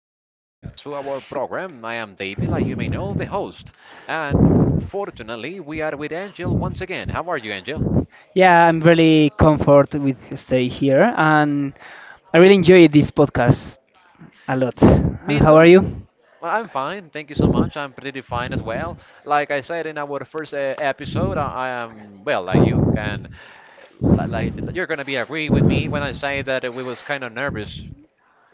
to the podcast, to our program. I am David, like you may know, the host. And fortunately, we are with Angel once again. How are you, Angel? Yeah, I'm really comfort with stay here, and I really enjoy this podcast a lot. Me And how are too. you? Well, I'm fine. Thank you so much. I'm pretty fine as well. Like I said in our first episode, I am, well, like you can, like you're gonna be agree with me when I say that we was kind of nervous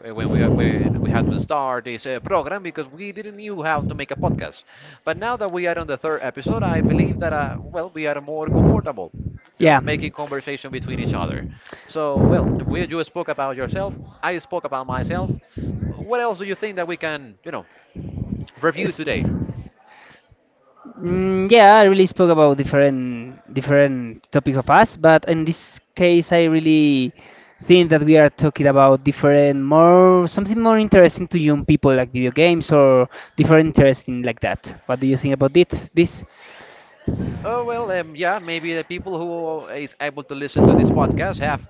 when we had to start this program because we didn't knew how to make a podcast. But now that we are on the third episode, I believe that well we are more comfortable, you know, Yeah. making conversation between each other. So well, you spoke about yourself. I spoke about myself. What else do you think that we can review It's- today? Yeah, I really spoke about different topics of us, but in this case, I really think that we are talking about different, more something more interesting to young people, like video games or different interesting like that. What do you think about it? This? Oh well, yeah, maybe the people who is able to listen to this podcast have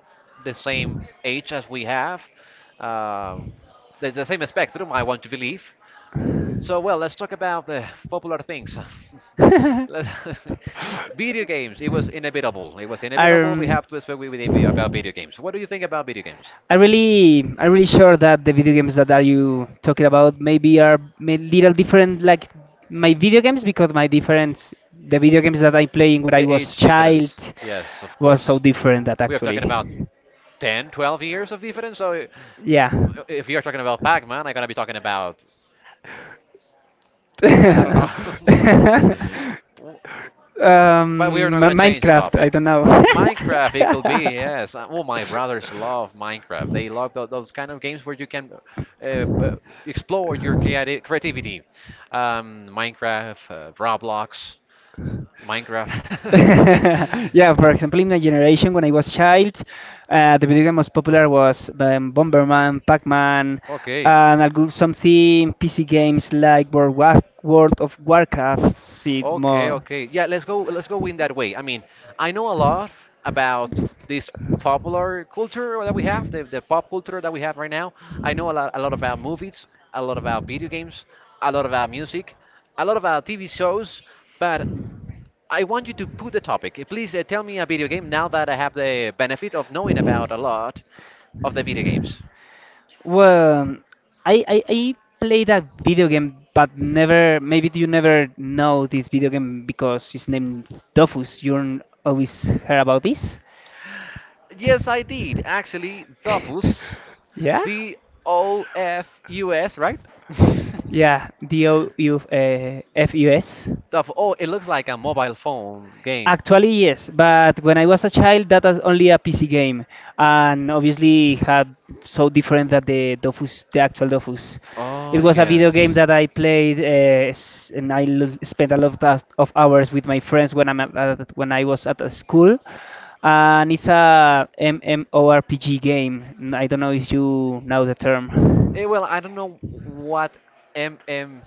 the same age as we have. Um, there's the same spectrum, I want to believe. So, well, let's talk about the popular things. Let- video games. It was inevitable. It was inevitable. We um, have to speak about video games. What do you think about video games? I really, I'm really sure that the video games that are you talking about maybe are may little different, like my video games, because my different, the video games that I playing when I The was age child difference. Yes, of was so course. different that We are actually, talking about 10, 12 years of difference. So, I- yeah. if you're talking about Pac-Man, I'm gonna be talking about I don't know. But we are um, not Mi- going to change the Minecraft, I topic. don't know. Minecraft, it could be, yes. Oh, my brothers love Minecraft. They love those kind of games where you can uh, b- explore your creativity. Minecraft, Roblox, Minecraft. yeah, for example, in my generation, when I was a child, the video game most popular was Bomberman, Pac-Man, Okay. and algo- something PC games like World, War- World of Warcraft. See Okay, more. okay. Yeah, let's go in that way. I mean, I know a lot about this popular culture that we have, the pop culture that we have right now. I know a lot about movies, a lot about video games, a lot about music, a lot about TV shows, but I want you to put the topic. Please tell me a video game now that I have the benefit of knowing about a lot of the video games. Well, I played a video game, but never. Maybe you never know this video game because it's named Dofus. You don't always heard about this. Yes, I did. Actually, Dofus, Yeah. D O F U S, right? Yeah, DOU FUS. Stuff. Oh, it looks like a mobile phone game. Actually, yes, but when I was a child, that was only a PC game, and obviously had so different that the Dofus, the actual Dofus. Oh, It was a video game yes. that I played, s- and I lo- spent a lot of hours with my friends when I'm at- when I was at a school, and it's a MMORPG game. N- I don't know if you know the Eh, term. well, I don't know what MMORPG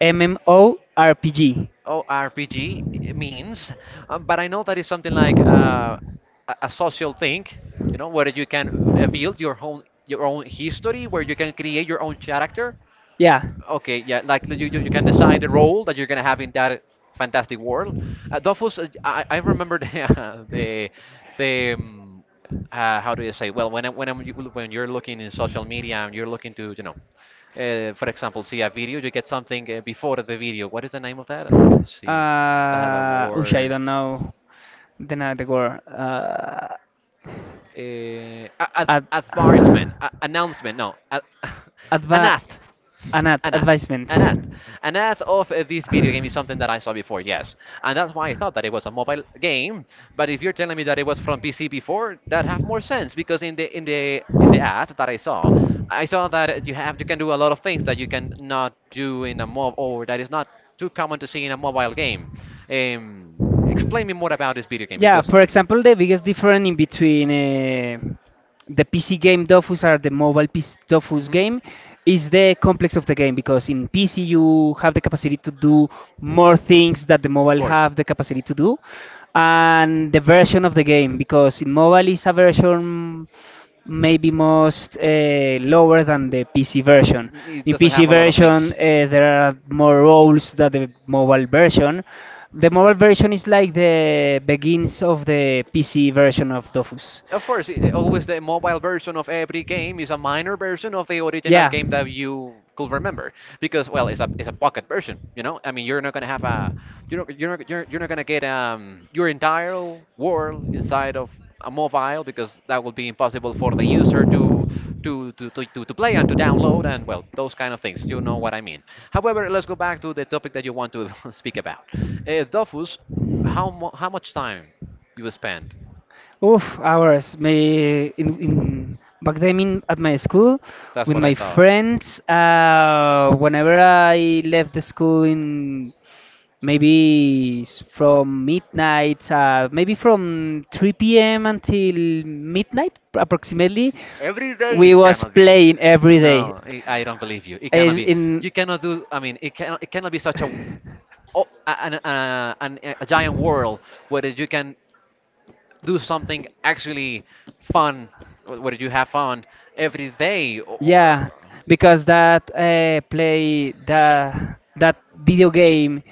MMORPG. ORPG means, but I know that is something like a social thing, you know, where you can build your own history, where you can create your own character. Yeah. Okay, yeah, like you can decide the role that you're gonna have in that fantastic world. Dofus, I remember the the, the um, how do you say? Well, when I- when I'm, you- when you're looking in social media and you're looking to for example, see a video, you get something before the video. What is the name of that? Let me see. I have a Oosh, I word. don't know. Then the word ad, Advertisement, announcement, no, adva, an ad, an ad, an ad, advisement. an ad, an ad of this video game is something that I saw before, yes, and that's why I thought that it was a mobile game. But if you're telling me that it was from PC before, that have more sense because in the ad that I saw that you can do a lot of things that you can not do in a mob or that is not too common to see in a mobile game. Explain me more about this video game Yeah, because. For example, the biggest difference in between the PC game Dofus or the mobile PC Dofus hmm. game is the complex of the game because in PC you have the capacity to do more things that the Of mobile course. have the capacity to do, and the version of the game because in mobile is a version maybe most lower than the PC version. It In doesn't PC have a lot of things. version, there are more roles than the mobile version. The mobile version is like the begins of the PC version of Dofus. Of course, always the mobile version of every game is a minor version of the original Yeah. game that you could remember because well, it's a pocket version, you know? I mean, you're not gonna have a you're not gonna get your entire world inside of a mobile because that would be impossible for the user to to play and to download and well, those kind of things. You know what I mean. However, let's go back to the topic that you want to speak about. Dofus, how much time you spend. Oof, hours. Me in back then in, at my school That's with what I my thought. friends. Whenever I left the school in maybe s- from midnight, maybe from 3 p.m. until midnight approximately, Every day we it was cannot be. playing every day. No, I don't believe you. It cannot And be. in You cannot do. I mean, it cannot. It cannot be such a oh, a giant world where you can do something actually fun where you have fun every day or yeah, because that play that video game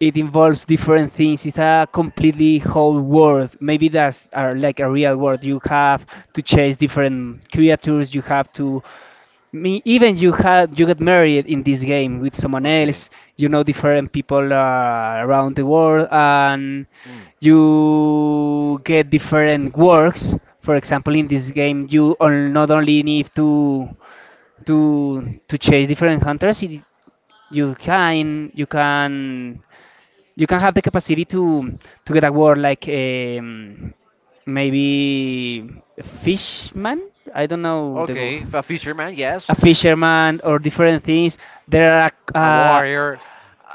it involves different things. It's a completely whole world. Maybe that's are like a real world. You have to chase different creatures. You have to me even you had you get married in this game with someone okay. else you know different people around the world and Mm. you get different works for example in this game you on- not only need to to chase different hunters it- you can you can have the capacity to get a word like maybe fishman I don't know the go. Okay, a Okay, fisherman, yes. a fisherman or different things there are a, A warrior.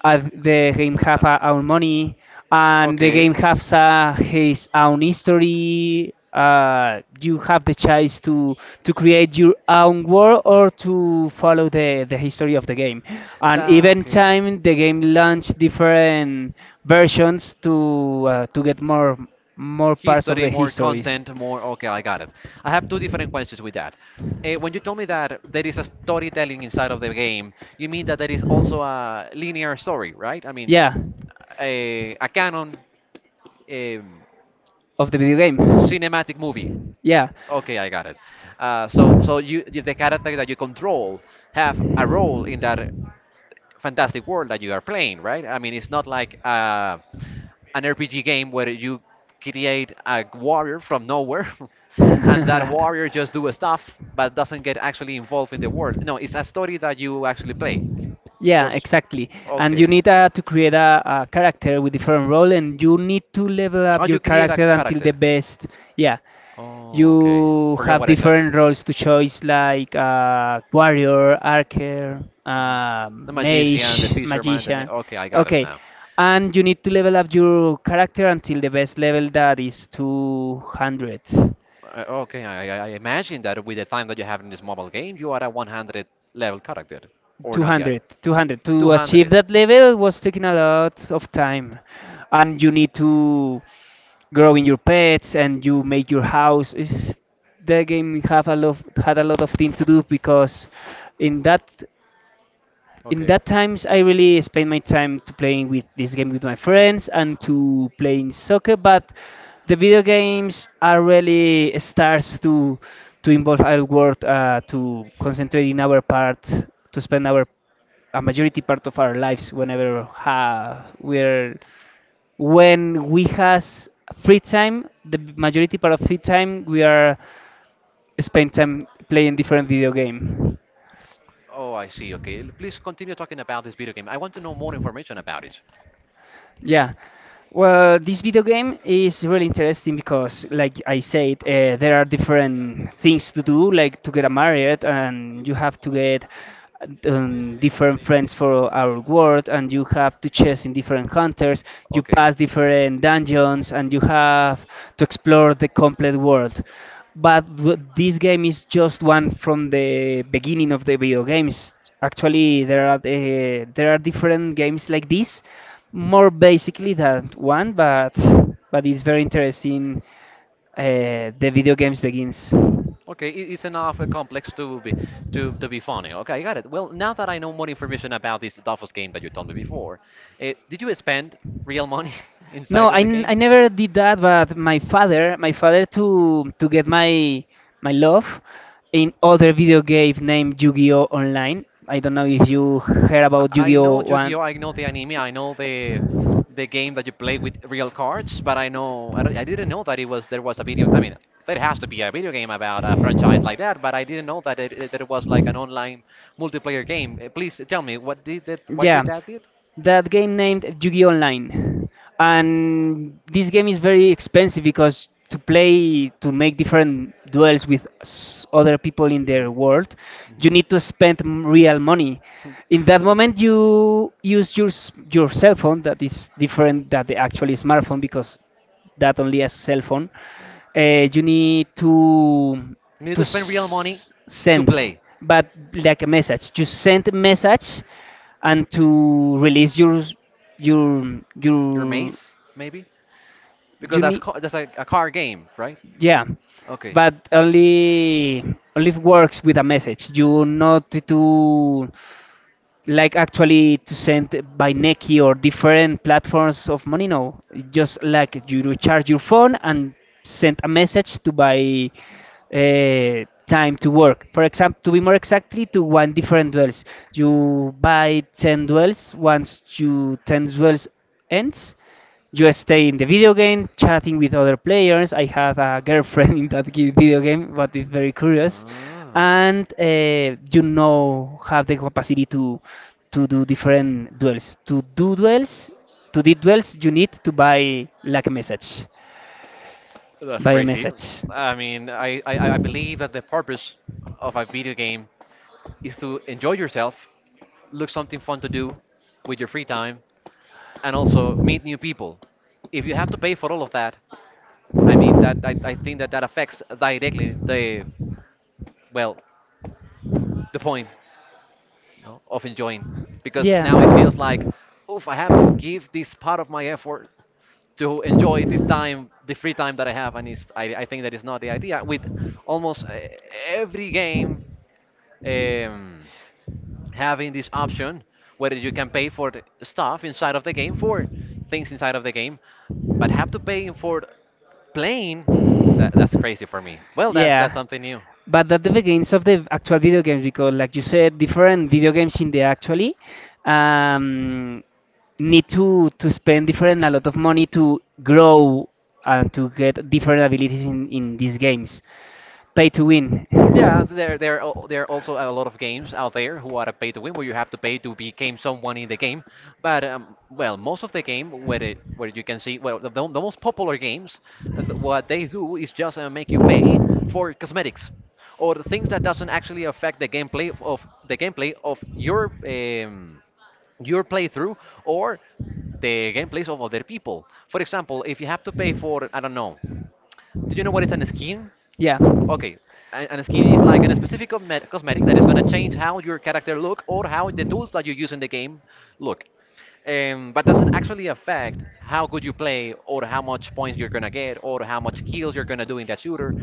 and the game have Uh, our own money and the game okay. has his own history you have the choice to create your own world or to follow the history of the game and Ta, even okay. time the game launched different versions to get more more parts of History, the more histories content, more. Okay, I got it. I have two different questions with that. When you told me that there is a storytelling inside of the game, you mean that there is also a linear story, right? I mean, yeah a canon um, of the video cinematic movie. game. Yeah. Okay, I got it. So you, you the character that you control have a role in that fantastic world that you are playing, right? I mean, it's not like an RPG game where you create a warrior from nowhere and that warrior just do stuff but doesn't get actually involved in the world. No, it's a story that you actually play. Yeah, Or s- exactly. And you okay. need to create a character with different role, and you need to level Oh, up your you create a character until the character. best. Yeah, Oh, okay. you Forgot have what I said. different roles to choose like warrior, archer, Mhm. The magician, the mage, fisherman, magician. okay, I got it Okay, now. and you need to level up your character until the best level that is 200. I, okay, I imagine that with the time that you have in this mobile game, you are a 100 level character, or not yet. 200, 200. To achieve 200. that level was taking a lot of time, and you need to grow in your pets and you make your house. It's, the game have a lot, had a lot of things to do because in that in Okay. that times I really spend my time to playing with this game with my friends and to playing soccer but the video games are really starts to involve our world to concentrate in our part to spend our a majority part of our lives whenever ha, we're when we has free time the majority part of free time we are spend time playing different video game. Oh, I see. Okay. Please continue talking about this video game. I want to know more information about it. Yeah. Well, this video game is really interesting because, like I said, there are different things to do, like to get married, and you have to get different friends for our world, and you have to chase in different hunters. You Okay. pass different dungeons, and you have to explore the complete world. But w- this game is just one from the beginning of the video games. Actually, there are different games like this, more basically than one, but it's very interesting. The video games begins. Okay, it's enough complex to be to be funny. Okay, I got it. Well, now that I know more information about this Dofus game that you told me before, did you spend real money No, inside of I, the n- game? I never did that, but my father to get my my love in other video game named Yu-Gi-Oh Online. I don't know if you heard I about I Yu-Gi-Oh know one. Yu-Gi-Oh! I know the anime. I know the game that you play with real cards, but I didn't know that it was there was a video. I mean, there has to be a video game about a franchise like that, but I didn't know that that it was like an online multiplayer game. Please tell me what did that, what your Yeah, dad did? that game named Yu-Gi-Oh! Online, and this game is very expensive because to play to make different duels with s- other people in their world, you need to spend m- real money. In that moment, you use your s- your cell phone that is different than the actual smartphone because that only a cell phone. You need You need to to spend real money s- to send, play but like a message. You send a message and to release your your your your mace, maybe because you need that's like a card game, right? yeah, Okay. but only only works with a message. You not to like actually to send by Nequi or different platforms of money. No, just like you recharge your phone and send a message to buy time to work. For example, to be more exactly, to one different duels. You buy 10 duels. Once you 10 duels ends, you stay in the video game chatting with other players. I had a girlfriend in that gi- video game, but it's very curious, and you now have the capacity to do different duels. To do duels, to do duels, you need to buy like a message, That's buy a crazy. message. I mean, I believe that the purpose of a video game is to enjoy yourself, look something fun to do with your free time, and also meet new people. If you have to pay for all of that, I mean, that I think that that affects directly the, well, the point know, of enjoying because Yeah. now it feels like oof I have to give this part of my effort to enjoy this time the free time that I have and it's, I think that is not the idea with almost every game, Um, um, having this option where you can pay for the stuff inside of the game for things inside of the game but have to pay for playing, that, that's crazy for me. Well that's yeah, something new. but that the games of the actual video games because, like you said, different video games in the actually um, need to spend different a lot of money to grow and to get different abilities in these games. Pay to win. Yeah, there are also a lot of games out there who are a pay to win where you have to pay to become someone in the game. But well, most of the game where where you can see well the most popular games, what they do is just make you pay for cosmetics or the things that doesn't actually affect the gameplay of the gameplay of your playthrough or the gameplays of other people. For example, if you have to pay for I don't know, do you know what is an skin? Yeah. Okay, and skin is like a specific cosmetic that is going to change how your character look or how the tools that you use in the game look. But doesn't actually affect how good you play or how much points you're going to get or how much kills you're going to do in that shooter.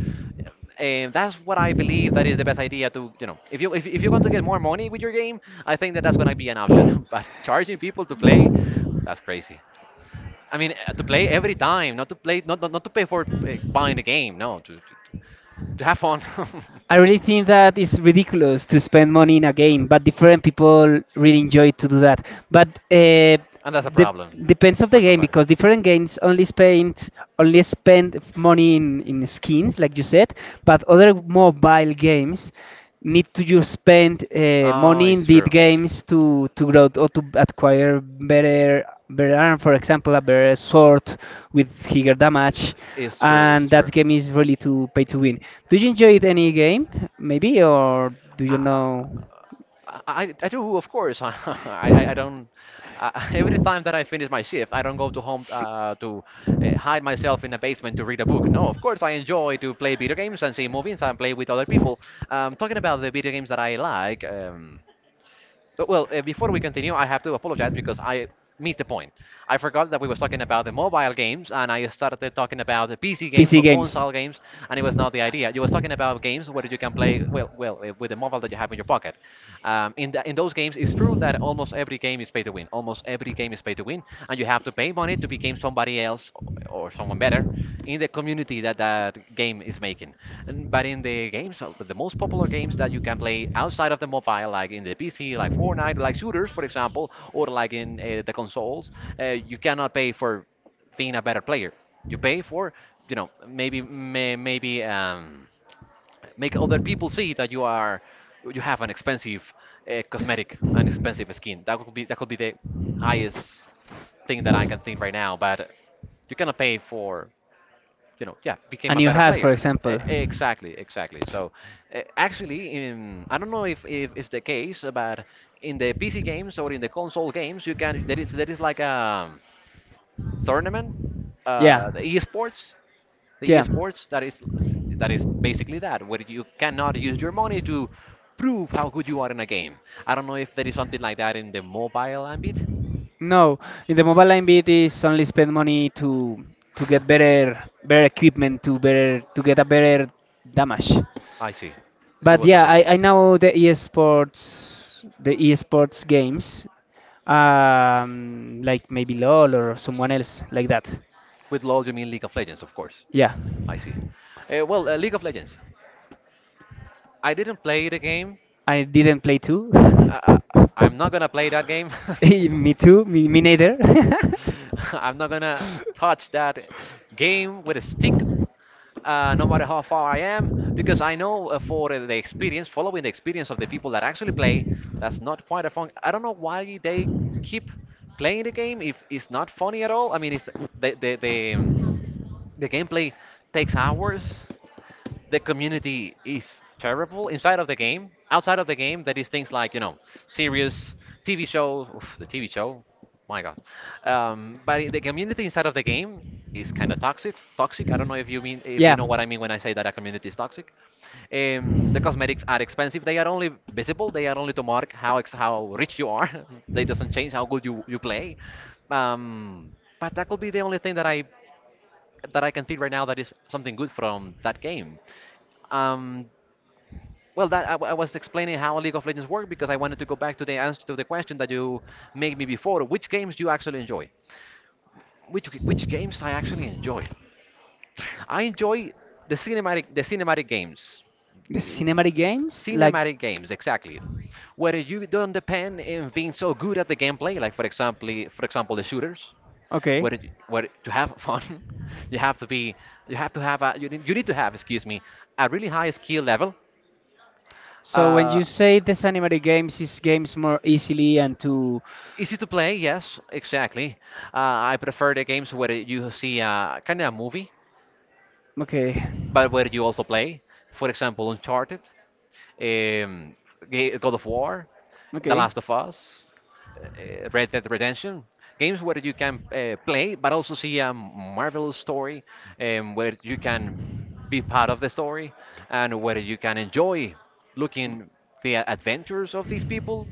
And that's what I believe that is the best idea to, you know, if you if you want to get more money with your game, I think that that's going to be an option. But charging people to play, that's crazy. I mean, to play every time, not to play, not to pay for buying the game, no, to have fun. I really think that it's ridiculous to spend money in a game, but different people really enjoy to do that. But And that's a de- problem depends of for the game somebody. because different games only spend money in skins, like you said, but other mobile games need to just spend Oh, money in it's these true. games to grow or to acquire better better arm, for example, a better sword with bigger damage It's true. It's and that true. game is really to pay to win. Do you enjoy it any game, maybe, or do you I, know? I do, of course. I don't. Every time that I finish my shift, I don't go to home to hide myself in a basement to read a book. No, of course, I enjoy to play video games and see movies and play with other people. Talking about the video games that I like. Before we continue, I have to apologize because I missed the point. I forgot that we was talking about the mobile games, and I started talking about the PC games PC or games. console games, and it was not the idea. You was talking about games where you can play well, with the mobile that you have in your pocket. In those games, it's true that almost every game is pay to win. Almost every game is pay to win, and you have to pay money to become somebody else or someone better in the community that that game is making. And, but in the games, the most popular games that you can play outside of the mobile, like in the PC, like Fortnite, like shooters, for example, or like in the consoles, you cannot pay for being a better player. You pay for, you know, maybe make other people see that you have an expensive It's- cosmetic, an expensive skin. That could be the highest thing that I can think right now. But you cannot pay for, you know, yeah, became A a new better hat, for player. E- example, Exactly, exactly. So, actually, I don't know if it's the case, but in the PC games or in the console games, you can there is like a tournament, yeah, uh, the esports, the yeah. esports that is basically that where you cannot use your money to prove how good you are in a game. I don't know if there is something like that in the mobile ambit. No, in the mobile line bit is only spend money to get better better equipment to better to get a better damage. I see, it But was not yeah, the I case. know the esports games, like maybe LOL or someone else like that. With LoL, you mean League of Legends, of course. Yeah, I see. League of Legends. I didn't play the game. I didn't play too. Uh, uh, I'm not gonna play that game. me too. Me neither. I'm not gonna touch that game with a stick, no matter how far I am, because I know for the experience, following the experience of the people that actually play, that's not quite a fun. I don't know why they keep playing the game if it's not funny at all. I mean, it's the the the, um, the gameplay takes hours. The community is terrible inside of the game. Outside of the game, there is things like, you know, serious TV shows. Oof, the TV show, my God. But I- the community inside of the game is kind of toxic. Toxic. I don't know if you mean if you know what I mean when I say that a community is toxic. The cosmetics are expensive. They are only visible. They are only to mark how ex- how rich you are. They doesn't change how good you play. Um, but that could be the only thing that I can think right now that is something good from that game. Um, well, I was explaining how League of Legends worked because I wanted to go back to the answer to the question that you made me before. Which games do you actually enjoy? Which g- which games I actually enjoy? I enjoy the cinematic games. the W- cinematic games, Cinematic games, exactly. Where you don't depend in being so good at the gameplay, like for example, the shooters, shooters, okay. where where to have fun, you have to be, you have to have a, you need to have, excuse me, a really high skill level. So when Uh, you say the cinematic games is games more easily and to, Easy to play, yes, exactly. Uh, I prefer the games where you see a kind of a movie, okay, but where you also play. For example, Uncharted, um, Ga- God of War, The Last of Us, Red Dead Redemption. Games where you can play, but also see a marvelous story, where you can be part of the story, and where you can enjoy looking the adventures of these people,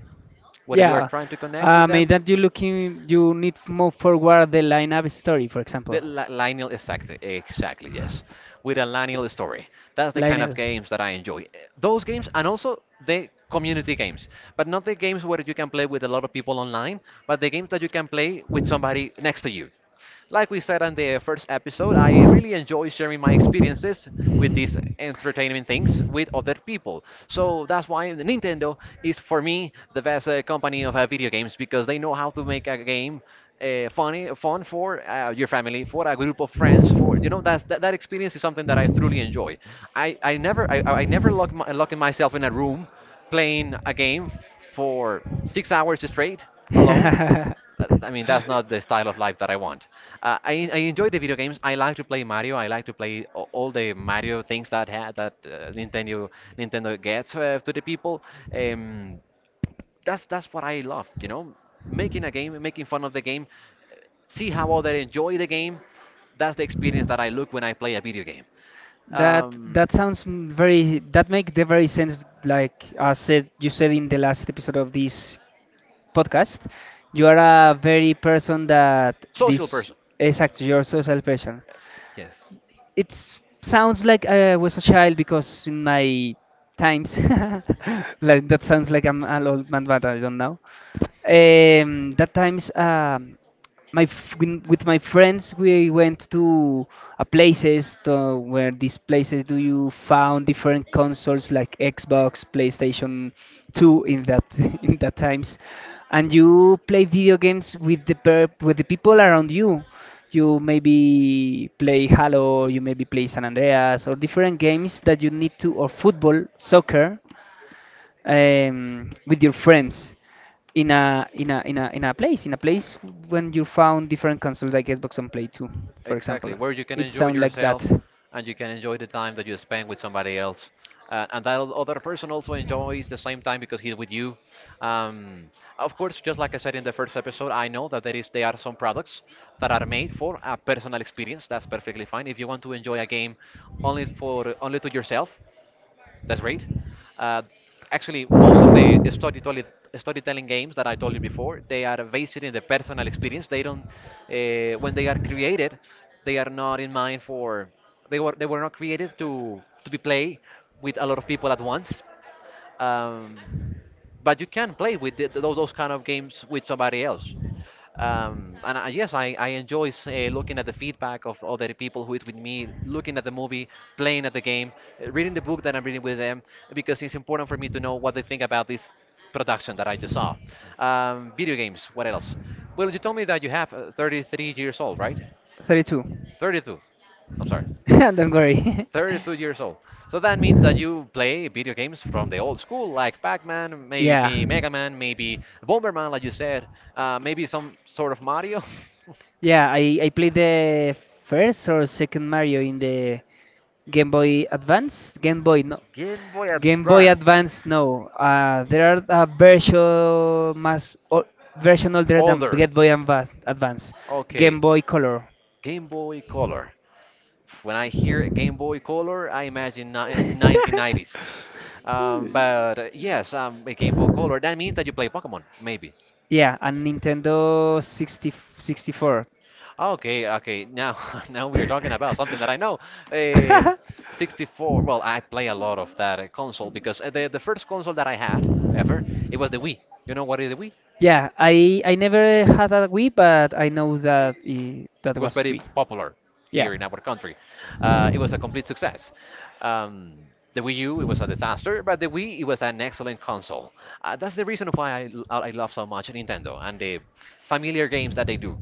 whether you are yeah, trying to connect with maybe them. that you looking you need to move forward the lineup story, for example. The li- lineal, exactly, exactly, yes. With a lineal story. That's the kind of Lionel. games that I enjoy. Those games and also the community games, but not the games where you can play with a lot of people online, but the games that you can play with somebody next to you. Like we said on the first episode, I really enjoy sharing my experiences with these entertainment things with other people. So that's why Nintendo is for me the best company of video games because they know how to make a game funny, fun for your family, for a group of friends, for you know that experience is something that I truly enjoy. I never locking myself in a room playing a game for 6 hours straight alone. I mean, that's not the style of life that I want. I enjoy the video games. I like to play Mario. I like to play a- all the Mario things that Nintendo gets to the people. Um, that's what I love, you know, making a game, making fun of the game, see how other enjoy the game. That's the experience that I look when I play a video game. That Um, that sounds m- very that make the very sense like I said you said in the last episode of this podcast you are a very person that Social this person, exactly your social person yes. it sounds like I was a child because in my times like that sounds like I'm an old man but I don't know. That times my f- when- with my friends we went to a places to, where these places do you found different consoles like Xbox, PlayStation 2 in that in that times, and you play video games with the per with the people around you. You maybe play Halo, you maybe play San Andreas or different games that you need to or football, soccer with your friends in a in a place in a place when you found different consoles like Xbox and Play 2, for example. Exactly, where you can It enjoy sound like that. yourself and you can enjoy the time that you spend with somebody else. And that other person also enjoys the same time because he's with you. Um, of course, just like I said in the first episode, I know that there are some products that are made for a personal experience. That's perfectly fine. If you want to enjoy a game only to yourself, that's great. Uh, Actually, most of the storytelling games that I told you before, they are based in the personal experience. They don't, when they are created, they are not in mind for. They were not created to be played with a lot of people at once. Um, but you can play with the, those kind of games with somebody else. Yes, I enjoy looking at the feedback of other people who is with me, looking at the movie, playing at the game, reading the book that I'm reading with them, because it's important for me to know what they think about this production that I just saw. Video games, what else? Well, you told me that you have 33 years old, right? 32. 32. I'm sorry. Don't worry. 32 years old. So that means that you play video games from the old school, like Pac-Man, Yeah. maybe Mega Man, maybe Bomberman, like you said, maybe some sort of Mario. Yeah, I played the first or second Mario in the Game Boy Advance, Game Boy no, Game Boy Game Boy Advance. Advance, no. There are a version más o- version older than Older. Game Boy Advance. Advance. Game Okay. Boy Color. Game Boy Color. When I hear Game Boy Color, I imagine ni- 1990s. But Yes, a Game Boy Color. That means that you play Pokemon, maybe. yeah, and Nintendo 64. Okay, okay. Now, now we are talking about something that I know. Uh, 64. Well, I play a lot of that console because the first console that I had ever, it was the Wii. You know what is the Wii? Yeah, I never had a Wii, but I know that I that It was was very Wii. popular Yeah. here in our country. It was a complete success. Um, the Wii U, it was a disaster, but the Wii, it was an excellent console. That's the reason why l- I love so much Nintendo and the familiar games that they do.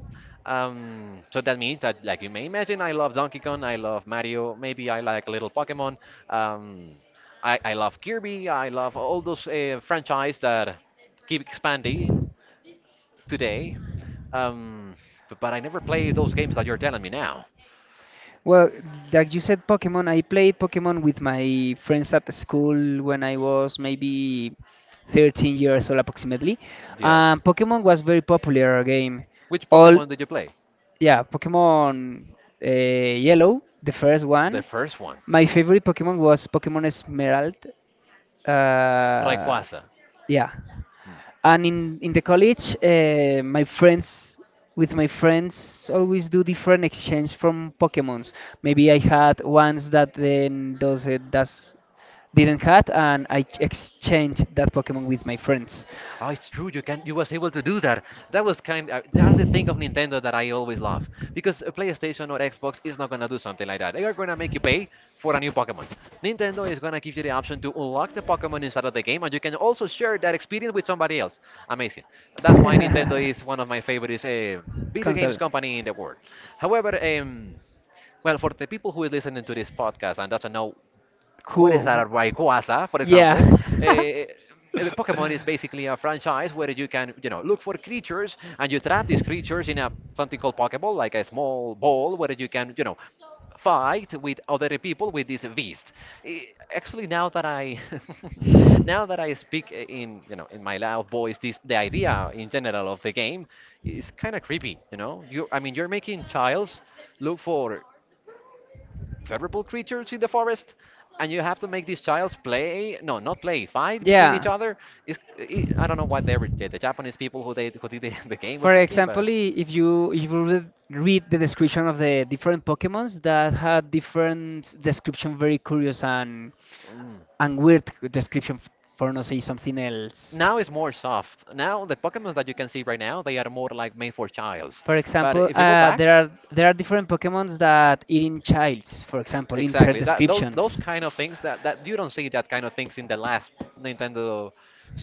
So that means that, like you may imagine, I love Donkey Kong, I love Mario, maybe I like a little Pokemon. Um, I love Kirby, I love all those franchise that keep expanding today. Um, but I never play those games that you're telling me now. Well, like you said, Pokemon, I played Pokemon with my friends at the school when I was maybe 13 years old approximately. Yes. Pokemon was very popular game. Which All, Pokemon did you play? yeah, Pokemon Yellow, the first The one. first one, My favorite Pokemon was Pokemon Esmeralda. Uh, Rayquaza. yeah Hmm. and in the college my friends with my friends always do different exchange from pokemons. Maybe I had ones that then those that's didn't had, and I exchanged that pokemon with my friends. Oh, it's true. You can. You was able to do that. That was kind. That's the thing of Nintendo that I always love because a PlayStation or Xbox is not gonna do something like that. They are gonna make you pay for a new Pokemon. Nintendo is gonna give you the option to unlock the Pokemon inside of the game, and you can also share that experience with somebody else. Amazing. That's why Nintendo is one of my favorite video games Console. company in the world. However, well, for the people who is listening to this podcast and doesn't know what is Cool. a Rayquaza, for Yeah. example, eh, Pokemon is basically a franchise where you can, you know, look for creatures and you trap these creatures in a something called Pokeball, like a small ball where you can, you know, fight with other people with this beast. Eh, Actually, now that I now that I speak in, you know, in my loud voice, this the idea in general of the game is kind of creepy. You know, you're making childs look for favorable creatures in the forest, and you have to make these childs play. No, not play, fight between each Yeah, other. Is I don't know what they were, Japanese people who did the, the game was for thinking, but example, if you if you read the description of the different Pokemons that had different description, very curious mm, and weird description for not say something else. now it's more soft. Now the Pokemon that you can see right now, they are more like made for childs. For But example, if you go back, there are different Pokemons that eating childs, for example, in their exactly that those descriptions. kind of things that you don't see that kind of things in the last Nintendo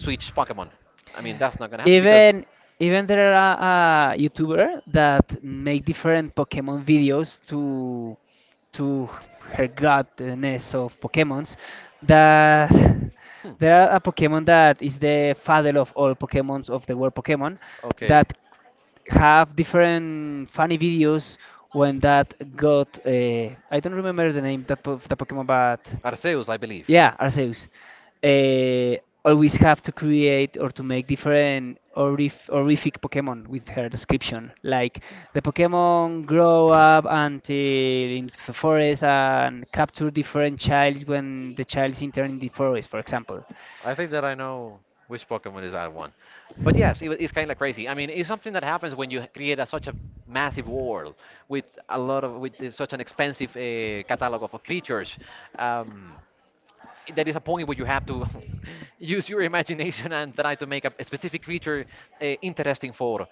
Switch Pokemon. I mean that's not gonna happen because Even even there are YouTuber that make different Pokemon videos to her godness of Pokemons. That hmm, there are a Pokemon that is the father of all Pokemons of the world Pokemon okay. that have different funny videos, when that got I don't remember the name of the Pokemon, but Arceus, I believe. yeah, Arceus. Uh, Always have to create or to make different horrific Pokemon with her description. Like the Pokemon grow up until in the forest and capture different childs when the child's enter in the forest, for example. I think that I know which Pokemon is that one. But yes, it's kind of crazy. I mean, it's something that happens when you create a, such a massive world with such an expensive catalog of creatures. Um, there is a point where you have to use your imagination and try to make a specific creature interesting for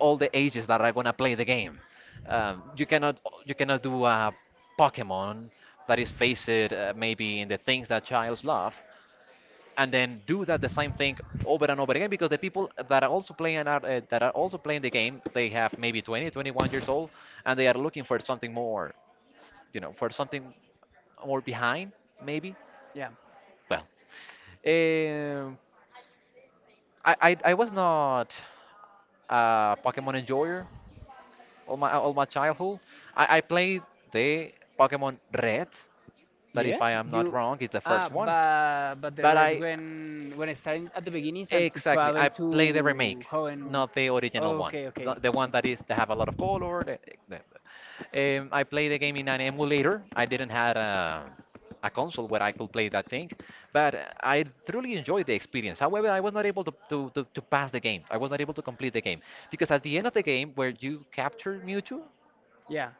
all the ages that are gonna play the game. Um, you cannot you cannot do a Pokemon that is based maybe in the things that childs love, and then do that the same thing over and over again because the people that are also playing and are, that are also playing the game, they have maybe 20 21 years old and they are looking for something more, you know, for something more behind maybe. Yeah. well um, I was not a pokemon enjoyer all my childhood. I played the pokemon red that, Yeah, if I am not you. wrong, is the Ah, first one. But the but red I when it starting at the beginnings and to exactly. travel I to play the remake, Hoenn. not the original one. Okay, okay. The one that is that have a lot of color. The, the- I play the game in an emulator. I didn't have a console where I could play that thing, but I truly enjoyed the experience. However, I was not able to pass the game. I was not able to complete the game because at the end of the game, where you capture Mewtwo, Yeah.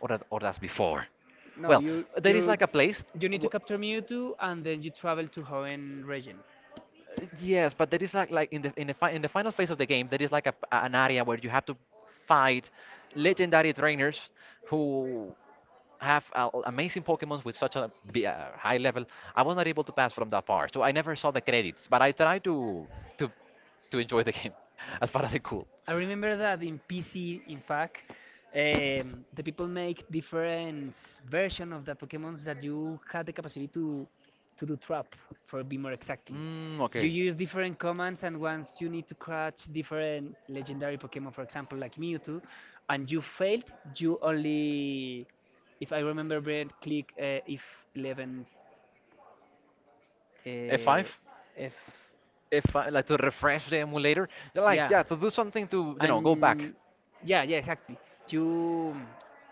or that, or that's before. No, Well, you there is you like a place you need to w capture Mewtwo and then you travel to Hoenn region. yes, but there is like in the final phase of the game, there is like an area where you have to fight legendary trainers who have amazing Pokemons with such a high level. I was not able to pass from that part, so I never saw the credits. But I tried to to enjoy the game as far as I could. I remember that in PC, in fact, the people make different version of the Pokemons that you have the capacity to do trap, for be more exactly. Mm, You okay. use different commands, and once you need to catch different legendary Pokemon, for example, like Mewtwo, and you failed, you only, if I remember, Brent, click F11, F5. F F5, five. F F5, like to refresh the emulator, like, Yeah, yeah, to do something to, you know, go back. and yeah, yeah, exactly. You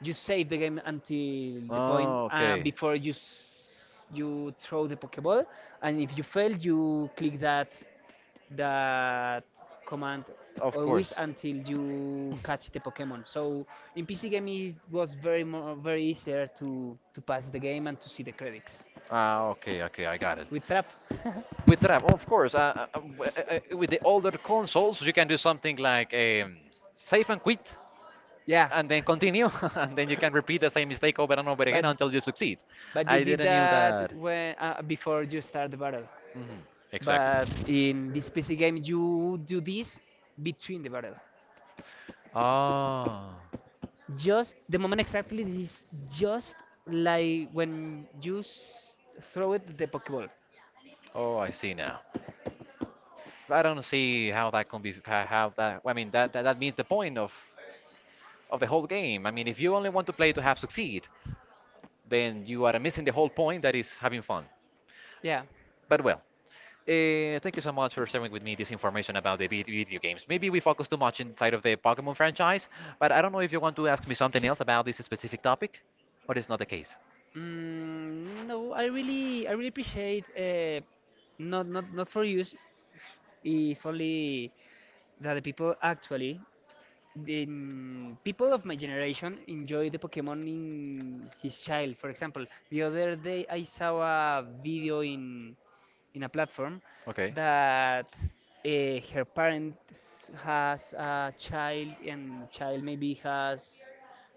save the game until the point Oh, okay. before you s you throw the Pokeball, and if you fail, you click that that command Of always course. until you catch the Pokemon. So in PC game it was very more very easier to pass the game and to see the credits Ah, okay, okay, I got it. with trap. With RAM, of course. With the older consoles, you can do something like save and quit, Yeah. and then continue, and then you can repeat the same mistake over and over But again until you succeed. You I did didn't knew that that. when before you start the battle. Mhm. Exactly. But in this PC game, you do this between the battle. Ah, Just the moment exactly this, just like when you throw it the Pokeball. oh, I see now. I don't see how that can be. How that? I mean, that means the point of the whole game. I mean, if you only want to play to have succeed, then you are missing the whole point that is having fun. Yeah. But well, thank you so much for sharing with me this information about the video games. Maybe we focus too much inside of the Pokemon franchise, but I don't know if you want to ask me something else about this specific topic, or it's not the case. No, I really appreciate. Not, not, not for use. If only that the people actually the people of my generation enjoy the Pokemon in his child. For example, the other day I saw a video in a platform Okay. that uh, her parents has a child, and child maybe has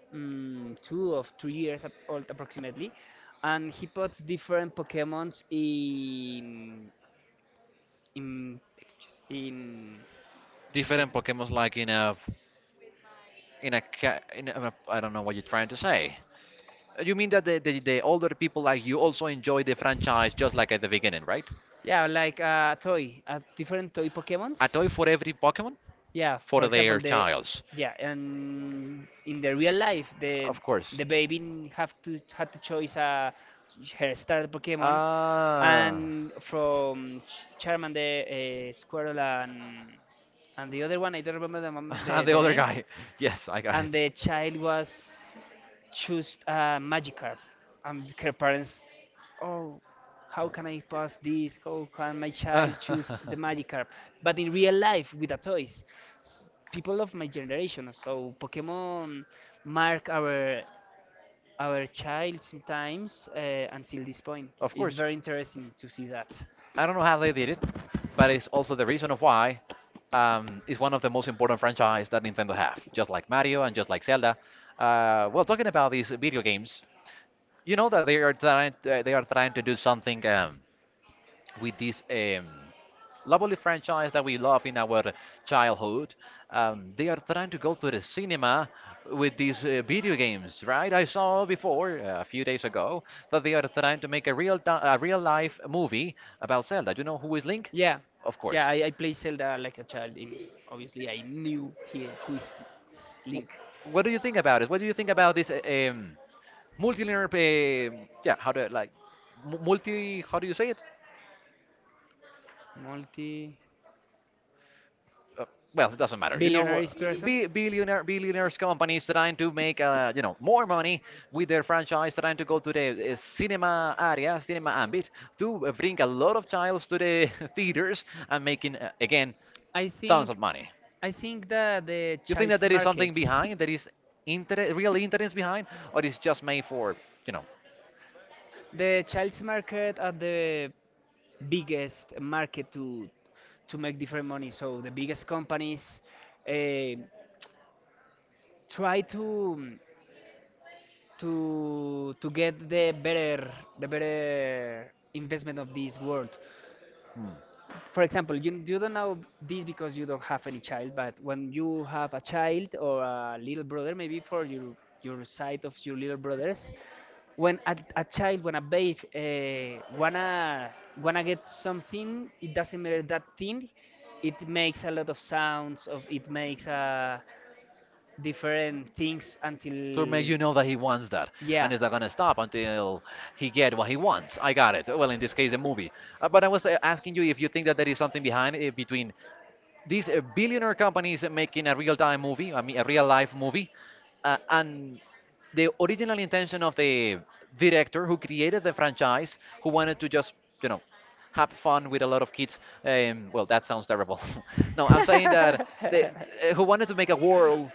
2 or 3 years old approximately, and he puts different Pokemons in in Different just Pokemons, like in a in a, I don't know what you're trying to say. You mean that the older people like you also enjoy the franchise just like at the beginning, right? Yeah, like a toy, a different toy A Pokemons. toy for every Pokemon Yeah, for for example, their the childs. yeah, and in the real life Of the course. baby have to had to choose her starter pokemon, Ah, and from charmander, squirtle, and the other one, I don't remember the and the the other name. guy. Yes, I got And it. the child was choose Magikarp. And her parents, oh, how can I pass this? How can my child choose the Magikarp? But in real life, with a toys people of my generation. So Pokemon mark our child sometimes until this point. Of It's course. very interesting to see that. I don't know how they did it, but it's also the reason of why it's one of the most important franchise that Nintendo have, just like Mario and just like Zelda. Well, talking about these video games, you know that they are trying to do something. With this lovely franchise that we love in our childhood. They are trying to go to the cinema with these video games, right? I saw before a few days ago that they are trying to make a a real life movie about Zelda. Do you know who is Link? Yeah, Of yeah. course. I played Zelda like a child. In obviously, I knew he, who is Wh- Link. What do you think about it? What do you think about this multilinear? Yeah, how to like multi? How do you say it? Multi Uh, well, it doesn't matter. You know, billionaires person. Billionaires companies trying to make, you know, more money with their franchise, trying to go to the cinema area, cinema ambit, to bring a lot of childs to the theaters and making again I tons think of money. I think that the You think that child's there is market. something behind, there is real interest behind, or it's just made for, you know? The child's market are the biggest market to make different money. So the biggest companies eh, try to to get the better investment of this world. Hmm, For example, you don't know this because you don't have any child, but when you have a child or a little brother, maybe for your side of your little brothers, when a child, when a babe wanna get something, it doesn't matter that thing. It makes a lot of sounds of it makes different things to make, until you know, that he wants that, yeah. and it's not going to stop until he get what he wants. I got it. Well, in this case the movie, but i was asking you if you think that there is something behind it between these billionaire companies making a real-time movie, I mean a real-life movie, and the original intention of the director who created the franchise, who wanted to just, you know, have fun with a lot of kids. Well, that sounds terrible. No, I'm saying that they, I, who wanted to make a world,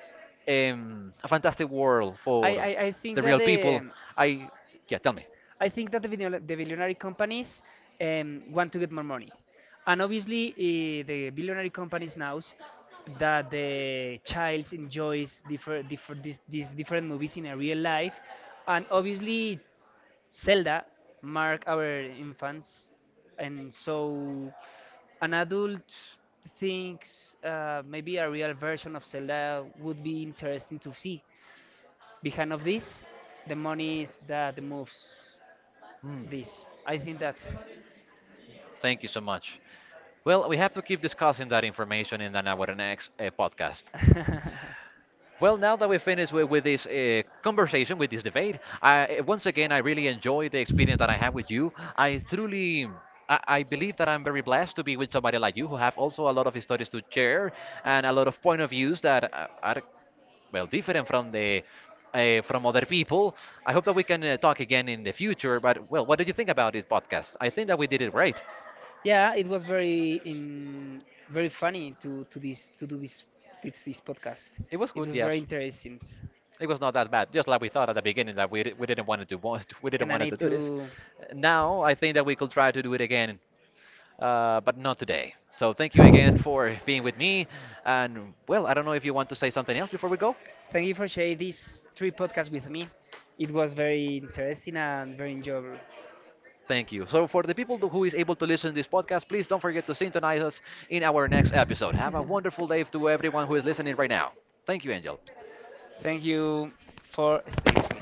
a fantastic world for I think the that real people. the I Yeah, tell me. I think that the the billionaire companies want to get more money, and obviously the billionaire companies knows that the child enjoys different different these different movies in a real life, and obviously Zelda mark our infants, and so an adult thinks maybe a real version of Zelda would be interesting to see. Behind of this, the money is that moves Hmm. this. I think that. Thank you so much. Well, we have to keep discussing that information in our next podcast. Well, now that we're finished with this conversation, with this debate, once again, I really enjoyed the experience that I have with you. I truly, I believe that I'm very blessed to be with somebody like you who have also a lot of stories to share and a lot of point of views that are, well, different from from other people. I hope that we can talk again in the future. But well, what did you think about this podcast? I think that we did it great. Yeah, it was very very funny to do this podcast. It was It good, was very yes. interesting, It was not that bad. Just like we thought at the beginning that we didn't want to do we and didn't I wanted need to do this. To Now I think that we could try to do it again, but not today. So thank you again for being with me. And well, I don't know if you want to say something else before we go. thank you for sharing these 3 podcasts with me. It was very interesting and very enjoyable. Thank you. So for the people who is able to listen to this podcast, please don't forget to synchronize us in our next episode. Have a wonderful day to everyone who is listening right now. Thank you, Angel. Thank you for staying with me.